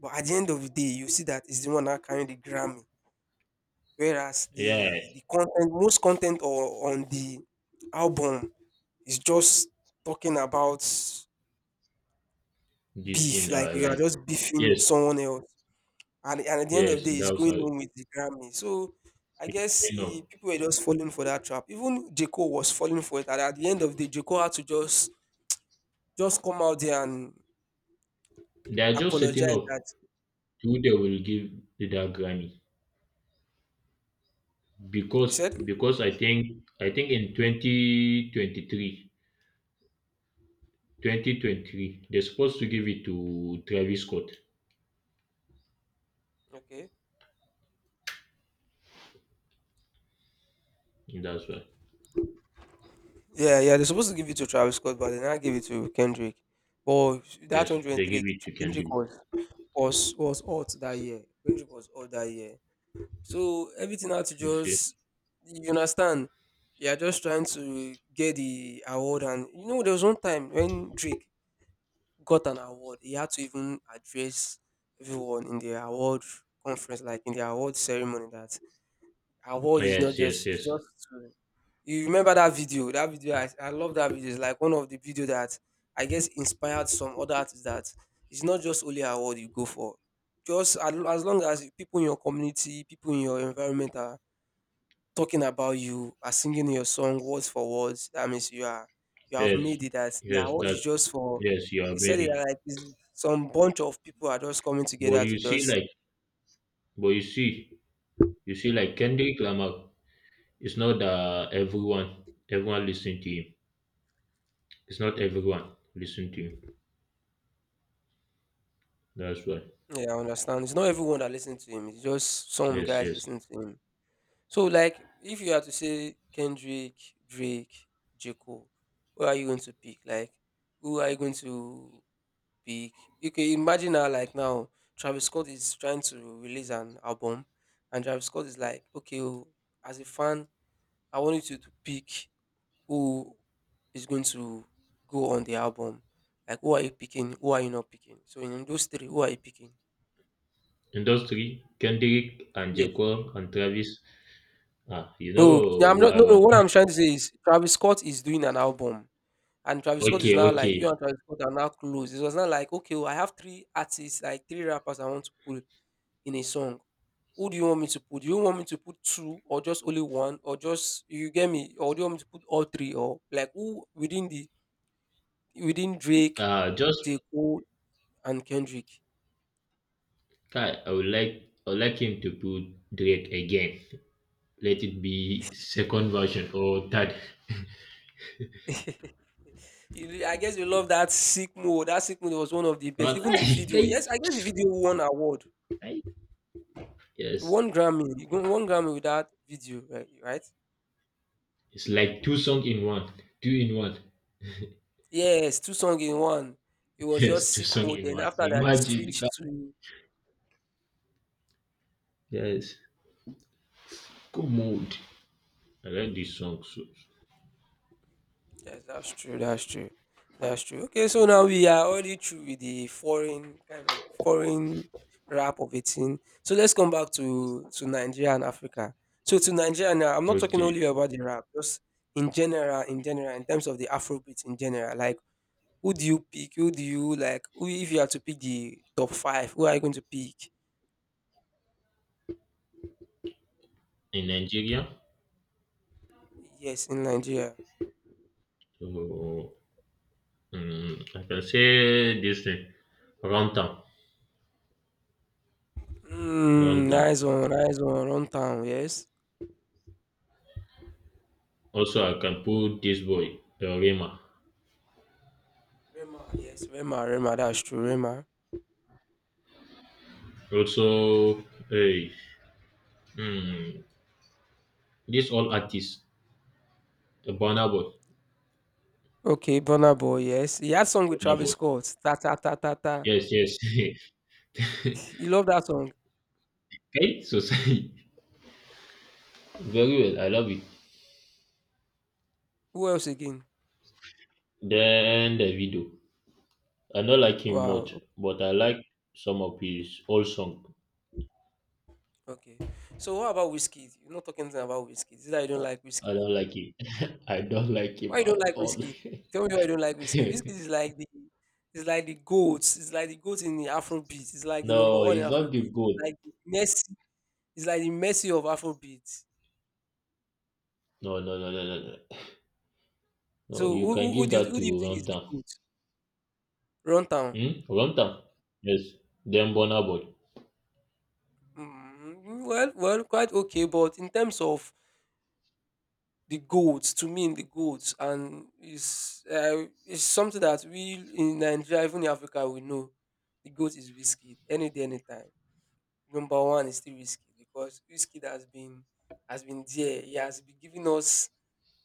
Speaker 2: But at the end of the day, you see that it's the one that carrying the Grammy, whereas
Speaker 1: Yeah.
Speaker 2: the content, most content or on the album, is just talking about
Speaker 1: This
Speaker 2: beef,
Speaker 1: scene.
Speaker 2: like you are
Speaker 1: Like
Speaker 2: just beefing
Speaker 1: yes.
Speaker 2: someone else. And at the end of
Speaker 1: Yes.
Speaker 2: the day, he's
Speaker 1: That was how
Speaker 2: going
Speaker 1: it's
Speaker 2: home with the Grammy. So I guess,
Speaker 1: been going on.
Speaker 2: people were just falling for that trap. Even J. Cole was falling for it. And at the end of the day, J. Cole had to just come out there and
Speaker 1: They are just setting
Speaker 2: apologize,
Speaker 1: up
Speaker 2: that
Speaker 1: who they will give that Grammy
Speaker 2: he
Speaker 1: because
Speaker 2: said,
Speaker 1: because I think in 2023 they're supposed to give it to Travis Scott.
Speaker 2: okay.
Speaker 1: That's why.
Speaker 2: Yeah, yeah, they're supposed to give it to Travis Scott, but they now give it to Kendrick. But that
Speaker 1: Yes, they give
Speaker 2: 103,
Speaker 1: it to
Speaker 2: Kendrick
Speaker 1: candy.
Speaker 2: was hot that year. Kendrick was hot that year. So everything had to
Speaker 1: You see?
Speaker 2: just, you understand. You are just trying to get the award, and you know there was one time when Drake got an award, he had to even address everyone in the award conference, like in the award ceremony. That award is not
Speaker 1: Yes, yes,
Speaker 2: just, it's
Speaker 1: yes,
Speaker 2: just to, you remember that video, that video, I love that video. It's like one of the video that I guess inspired some other artists that it's not just only award you go for, just as long as people in your community, people in your environment are talking about you, are singing your song words for words. That means you are, you have
Speaker 1: yes,
Speaker 2: made it, as the
Speaker 1: yes.
Speaker 2: award is
Speaker 1: That's
Speaker 2: just for,
Speaker 1: yes. You are
Speaker 2: he said it
Speaker 1: ready.
Speaker 2: like it's some bunch of people are just coming
Speaker 1: But
Speaker 2: together to
Speaker 1: you see,
Speaker 2: just,
Speaker 1: like, but you see, you see, like Kendrick Lamar. It's not everyone listen to him. It's not everyone listen to him. That's why.
Speaker 2: yeah, I understand. It's not everyone that listens to him, it's just some
Speaker 1: Yes,
Speaker 2: guys
Speaker 1: yes.
Speaker 2: listening to him. So like, if you had to say Kendrick, Drake, J. Cole, who are you going to pick? Like who are you going to big. You can imagine her like now. Travis Scott is trying to release an album, and Travis Scott is like, okay, oh, as a fan, I want you to pick who is going to go on the album. Like, who are you picking? Who are you not picking? So in those three, who are you picking?
Speaker 1: Industry, Kendrick and
Speaker 2: Yes.
Speaker 1: Jaquan and Travis. Ah, you know
Speaker 2: No, no, I'm
Speaker 1: who
Speaker 2: not.
Speaker 1: I
Speaker 2: No, no.
Speaker 1: want.
Speaker 2: What I'm trying to say is Travis Scott is doing an album, and Travis Scott is
Speaker 1: Okay,
Speaker 2: now like, you and
Speaker 1: okay.
Speaker 2: Travis Scott are now close. It was not like, okay, oh, I have three artists, like three rappers I want to pull in a song. Who do you want me to put? Do you want me to put two or just only one, or just, you get me? Or do you want me to put all three, or like who within the, within Drake,
Speaker 1: Just
Speaker 2: J. Cole and Kendrick?
Speaker 1: I would like him to put Drake again let it be second version or third.
Speaker 2: You, I guess you love that sick mode. That sick mode was one of the best.
Speaker 1: But
Speaker 2: Even the video. Yes, I guess the video won award.
Speaker 1: I, yes,
Speaker 2: One Grammy. You got One Grammy with that video, right? Right?
Speaker 1: it's like two song in one, two in one.
Speaker 2: Yes, two songs in one. It was just
Speaker 1: Yes, two
Speaker 2: sick
Speaker 1: song
Speaker 2: mode.
Speaker 1: in
Speaker 2: Then
Speaker 1: one.
Speaker 2: after that, it
Speaker 1: Imagine, because
Speaker 2: switched to,
Speaker 1: yes, good mood. I like this song. So.
Speaker 2: yes, that's true. That's true. That's true. Okay, so now we are already through with the foreign, kind of foreign rap of it. In. So let's come back to Nigeria and Africa. So to Nigeria now, I'm not talking
Speaker 1: Okay,
Speaker 2: only about the rap, just in general, in general, in terms of the Afrobeat in general. Like, who do you pick? Who do you like? Who, if you are to pick the top five, who are you going to pick?
Speaker 1: in Nigeria,
Speaker 2: Yes, in Nigeria.
Speaker 1: so I can say this thing, Rantam,
Speaker 2: Mm,
Speaker 1: Rantam.
Speaker 2: nice one, nice one. Runtown, yes.
Speaker 1: Also, I can put this boy, the Rema.
Speaker 2: Rema, yes, Rema, Rema. That's true, Rema.
Speaker 1: Also, hey, mm, this all artists, the
Speaker 2: Okay, Burna Boy, yes. He had song with
Speaker 1: Burna
Speaker 2: Travis
Speaker 1: Boy.
Speaker 2: Scott, "Ta Ta Ta Ta Ta."
Speaker 1: Yes, yes.
Speaker 2: You love that song.
Speaker 1: Okay, so say very well. I love it.
Speaker 2: Who else again?
Speaker 1: Then the video. I don't like him much,
Speaker 2: Wow.
Speaker 1: but I like some of his old song.
Speaker 2: Okay. So what about whiskey? You're not talking anything about Wizkid. Is it that you don't like
Speaker 1: I
Speaker 2: whiskey?
Speaker 1: don't like him. I don't like
Speaker 2: Why
Speaker 1: him
Speaker 2: you don't
Speaker 1: at
Speaker 2: like
Speaker 1: all.
Speaker 2: whiskey? Tell me why you don't like whiskey. Whiskey is like the, it's like the goat. It's like the goat in the Afrobeat. It's like the number
Speaker 1: No,
Speaker 2: one in
Speaker 1: he's not the
Speaker 2: Afrobeat. It's
Speaker 1: good.
Speaker 2: like the Messi. It's like the Messi of Afrobeat.
Speaker 1: No, no, no, no, no, no. No,
Speaker 2: So
Speaker 1: you can give that
Speaker 2: who
Speaker 1: to
Speaker 2: do you think is the
Speaker 1: Runtown.
Speaker 2: goat? Run down.
Speaker 1: Hmm? Runtown. Yes. Then Burna Boy.
Speaker 2: Mm, well, well, quite okay, but in terms of the goats, to me, in the goats, and it's something that we in Nigeria, even in Africa, we know the goat is whiskey any day, anytime. Number one is still whiskey, because whiskey has been, has been there. He has been giving us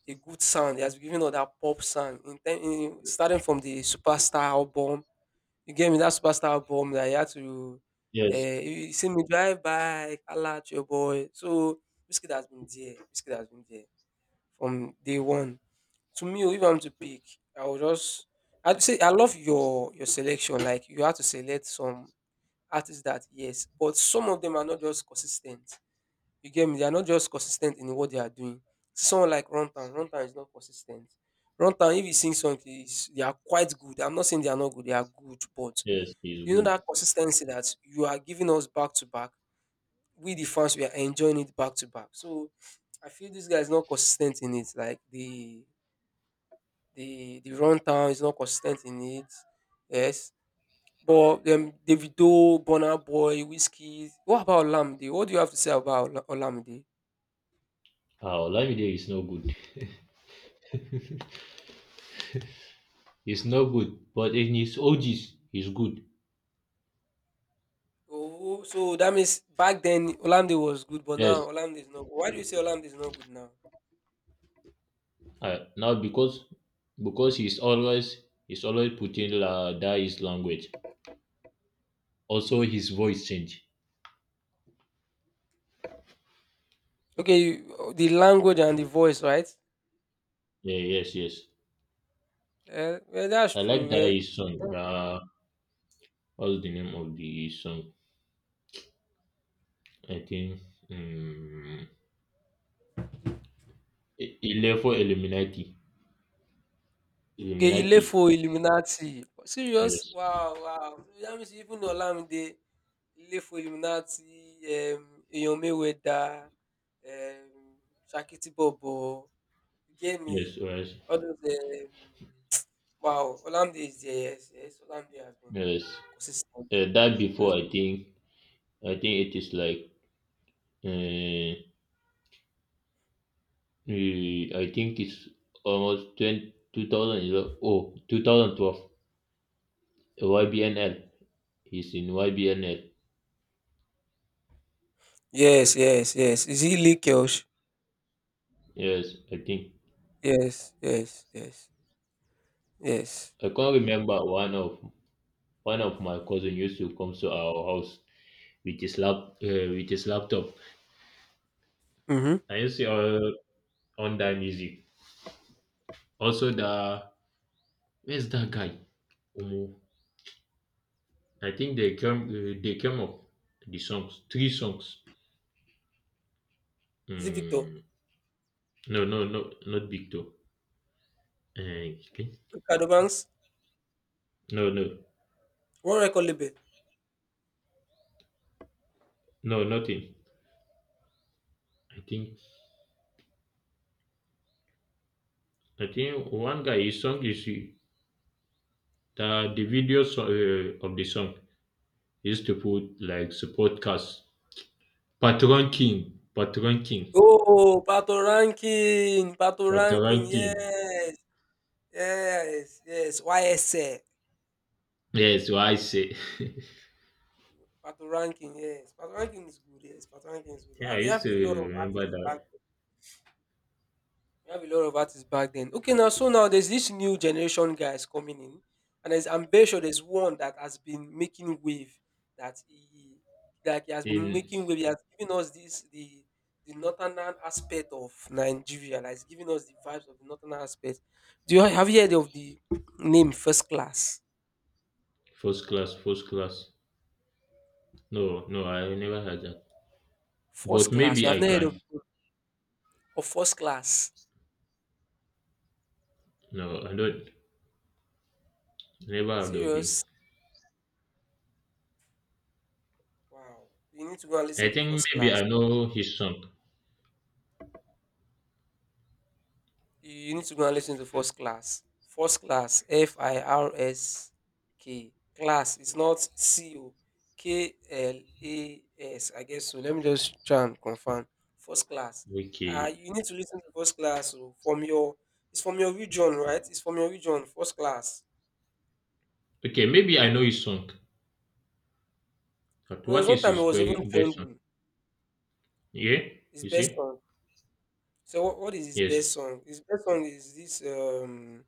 Speaker 2: a good sound. He has been giving us that pop sound in, starting from the superstar album, you get me? That superstar bomb that you had to,
Speaker 1: Yes,
Speaker 2: you see me drive by, holla at your boy. So Whiskey has been there. Whiskey has been there from day one. To me, oh, if I'm to pick, I will just, I'd say I love your selection. Like you have to select some artists that, yes, but some of them are not just consistent. You get me? They are not just consistent in what they are doing. Someone like Runtown, Runtown is not consistent. Runtown, if you sing songs, is, they are quite good. I'm not saying they are not good, they are good, but
Speaker 1: yes, he's
Speaker 2: you know,
Speaker 1: good.
Speaker 2: that consistency that you are giving us back to back. We the fans we are enjoying it back to back. So I feel this guy is not consistent in it. Like the rundown is not consistent in it. Yes. But Davido, Bonner Boy, Whiskey. What about Olamide? What do you have to say about Olamide?
Speaker 1: Ah, Olamide is no good. He's no good, but in his OGs, he's good.
Speaker 2: Oh, so that means back then Olamide was good, but now
Speaker 1: Yes,
Speaker 2: Olamide is not good. Why do you say Olamide is not good now?
Speaker 1: Now because he's always putting la that his language. Also his voice change.
Speaker 2: Okay, you, the language and the voice, right?
Speaker 1: Yeah, yes, yes.
Speaker 2: Yeah, well, that's
Speaker 1: I like
Speaker 2: true.
Speaker 1: that
Speaker 2: Yeah.
Speaker 1: his song. What's the name of the song? I think um Ilefo Illuminati.
Speaker 2: Okay,
Speaker 1: Illuminati.
Speaker 2: Ilefo Illuminati. Serious?
Speaker 1: Yes.
Speaker 2: Wow, wow. That means even Olamide, Ilefo Illuminati, Eyan Mayweather, um, Shakiti Bobo. You get me?
Speaker 1: Yes, yes.
Speaker 2: All those. Wow, Olamide is there. Yes, yes. Olamide has been
Speaker 1: Yes.
Speaker 2: consistent.
Speaker 1: That
Speaker 2: He Has
Speaker 1: before
Speaker 2: been.
Speaker 1: I think it is like uh, I think it's almost 2011 oh 2012, YBNL. He's in YBNL.
Speaker 2: Yes, yes, yes. Is he Lee Kelsh?
Speaker 1: Yes, I think
Speaker 2: Yes, yes, yes, yes.
Speaker 1: I can't remember one of my cousin used to come to our house with his lap with his laptop
Speaker 2: Mm-hmm.
Speaker 1: and used to on that music. Also, the where's that guy? Omo. I think they came up the songs three songs.
Speaker 2: Is it Victor?
Speaker 1: Mm, no no no not Big Toe. Okay.
Speaker 2: Ricardo Banks?
Speaker 1: No no
Speaker 2: One record label.
Speaker 1: no nothing. I think one guy his song is the video so, of the song. Used to put like the podcast Patron King,
Speaker 2: Oh, Pato Rankin, Pato Rankin,
Speaker 1: Patron King.
Speaker 2: yes, yes, yes, YSL,
Speaker 1: Yes, what I say.
Speaker 2: Pato Rankin, yes, Pato Rankin is good, yes, Pato Rankin is good. Ah,
Speaker 1: Yeah, I
Speaker 2: we
Speaker 1: used
Speaker 2: have
Speaker 1: to
Speaker 2: a lot of
Speaker 1: remember
Speaker 2: artists back.
Speaker 1: that
Speaker 2: We have a lot of artists back then. Okay, now now there's this new generation guys coming in, and there's, I'm very sure there's one that has been making wave. That he like He has been
Speaker 1: in
Speaker 2: making wave. He has given us this the northern aspect of Nigeria. Like he's giving us the vibes of the northern aspect. Do you have you heard of the name First Class?
Speaker 1: first class, No, no, I never had that.
Speaker 2: First
Speaker 1: But
Speaker 2: Class. You
Speaker 1: maybe
Speaker 2: have
Speaker 1: I
Speaker 2: not heard
Speaker 1: can.
Speaker 2: of First Class?
Speaker 1: No, I don't. Never heard of him.
Speaker 2: Serious? Wow. You need to go and listen
Speaker 1: I
Speaker 2: to
Speaker 1: think
Speaker 2: First
Speaker 1: maybe
Speaker 2: Class.
Speaker 1: I know his song.
Speaker 2: You need to go and listen to first class. First class, FIRSK. Class. It's not COKLAS. I guess so. Let me just try and confirm. First class. Uh,
Speaker 1: Okay,
Speaker 2: you need to listen to first class oh, from your. It's from your region, right? It's from your region. First class.
Speaker 1: okay, maybe I know his song. But
Speaker 2: Well, there's
Speaker 1: what
Speaker 2: one
Speaker 1: is
Speaker 2: time it
Speaker 1: his
Speaker 2: was even
Speaker 1: best song?
Speaker 2: trending.
Speaker 1: Yeah,
Speaker 2: His
Speaker 1: you
Speaker 2: best
Speaker 1: see?
Speaker 2: song. So what is his
Speaker 1: Yes.
Speaker 2: best song? His best song is this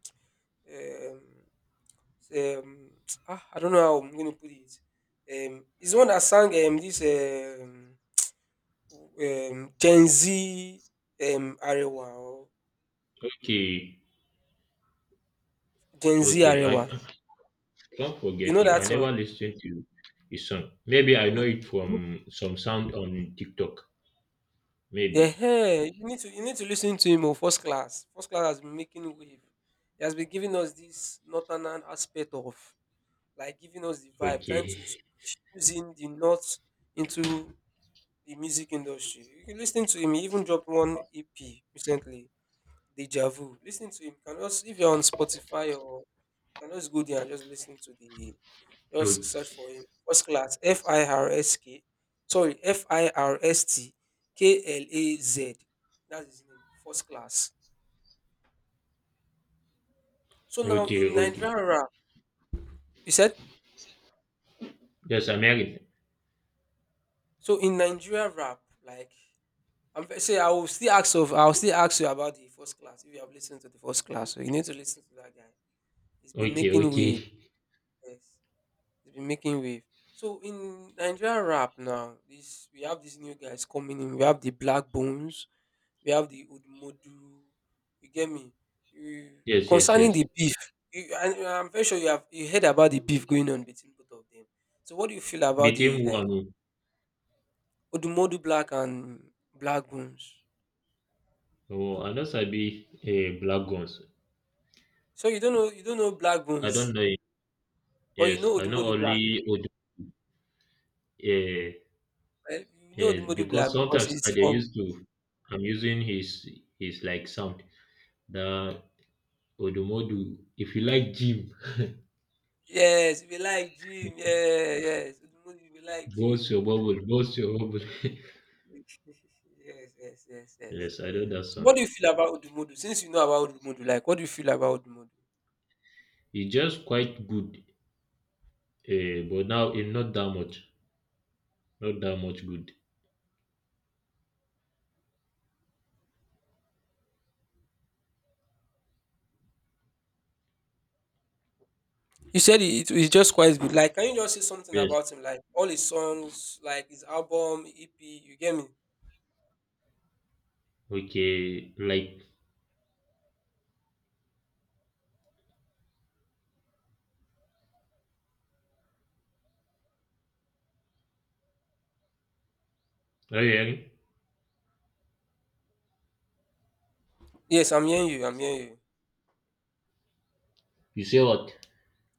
Speaker 2: um So, um ah, I don't know how I'm going to put it. He's the one that sang this Gen Z Arewa or
Speaker 1: Okay,
Speaker 2: Gen Z
Speaker 1: okay. I
Speaker 2: Arewa.
Speaker 1: don't
Speaker 2: You
Speaker 1: forget
Speaker 2: know
Speaker 1: him. I
Speaker 2: that song?
Speaker 1: never listened to his song. Maybe I
Speaker 2: Mm,
Speaker 1: know it
Speaker 2: mm.
Speaker 1: from some sound on TikTok.
Speaker 2: Yeah,
Speaker 1: Maybe.
Speaker 2: hey, you need to listen to him. Oh, first class has been making wave. He has been giving us this northern aspect of like giving us the vibe, trying
Speaker 1: Okay.
Speaker 2: to fusing the north into the music industry. You can listen to him. He even dropped one EP recently, Deja Vu. Listening to him. You can also if you're on Spotify or you can just go there and just listen to the just
Speaker 1: O-
Speaker 2: search for him. First class FIRSK. Sorry, FIRSTKLAZ. That's his name. First class. So now
Speaker 1: Okay.
Speaker 2: in
Speaker 1: Okay.
Speaker 2: Nigerian rap, you said
Speaker 1: Yes, American.
Speaker 2: so in Nigerian rap, like I'm fe- say I will still ask of I'll still ask you about the first class if you have listened to the first class. So you need to listen to that guy. He's been
Speaker 1: Okay.
Speaker 2: making
Speaker 1: Okay.
Speaker 2: waves. It's been making wave. So in Nigerian rap now, this we have these new guys coming in. We have the Black Bones, we have the Udmodu. You get me? You-
Speaker 1: Yes. Yes.
Speaker 2: Concerning
Speaker 1: Yes.
Speaker 2: the beef, you, and I'm very sure you heard about the beef going on between both of them. So what do you feel about the
Speaker 1: Between who
Speaker 2: like
Speaker 1: and
Speaker 2: Udmodu Black and Black Bones?
Speaker 1: who. Oh, I know Sabi Black Guns.
Speaker 2: So you don't know Black
Speaker 1: I
Speaker 2: Bones,
Speaker 1: don't know him.
Speaker 2: but you
Speaker 1: Yes,
Speaker 2: know
Speaker 1: I know
Speaker 2: Udmodu Black,
Speaker 1: only Odu. Eh,
Speaker 2: right? You know
Speaker 1: yes,
Speaker 2: Udmodu
Speaker 1: because
Speaker 2: Black because
Speaker 1: sometimes
Speaker 2: it's
Speaker 1: I dey
Speaker 2: from.
Speaker 1: used to. I'm using his like sound. The Odumodu. If you like gym,
Speaker 2: Yes, we like gym. Yeah, yes. Udumudu, we like
Speaker 1: Burst
Speaker 2: gym.
Speaker 1: your bubble, burst your bubble.
Speaker 2: Yes, yes, yes, yes.
Speaker 1: Yes, I know that
Speaker 2: So what
Speaker 1: song.
Speaker 2: do you feel about Udumudu? Since you know about Udumudu, like what do you feel about Udumudu?
Speaker 1: It's just quite good, but now it's not that much. Not that much good.
Speaker 2: You said he- it is just quite good. Like, can you just say something
Speaker 1: Yes.
Speaker 2: about him? Like all his songs, like his album, EP, you get me?
Speaker 1: Okay, like, are you hearing?
Speaker 2: Yes, I'm hearing you, I'm hearing you.
Speaker 1: You say what?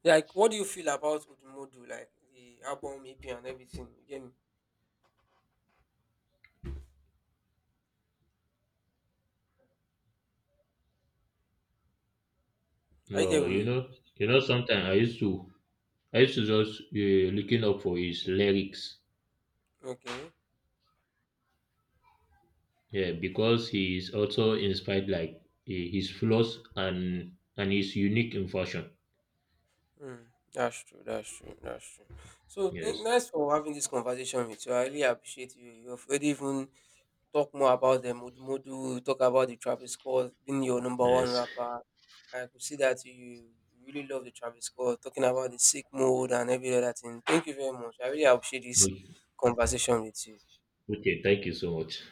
Speaker 2: Like, what do you feel about Udumudu? Like the album, EP and everything. You get me? Are you there
Speaker 1: No,
Speaker 2: with me?
Speaker 1: you know. Sometimes I used to just looking up for his lyrics.
Speaker 2: Okay.
Speaker 1: Yeah, because he is also inspired like his flaws and his unique in fashion.
Speaker 2: Mm, that's true. That's true. That's true. So, thank
Speaker 1: Yes,
Speaker 2: nice for having this conversation with you. I really appreciate you. You've already even talked more about the Modu Modu, talk about the Travis Scott being your number one
Speaker 1: yes.
Speaker 2: rapper. I could see that you really love the Travis Scott, talking about the sick mode and every other thing. Thank you very much. I really appreciate this conversation with you.
Speaker 1: Okay, thank you so much.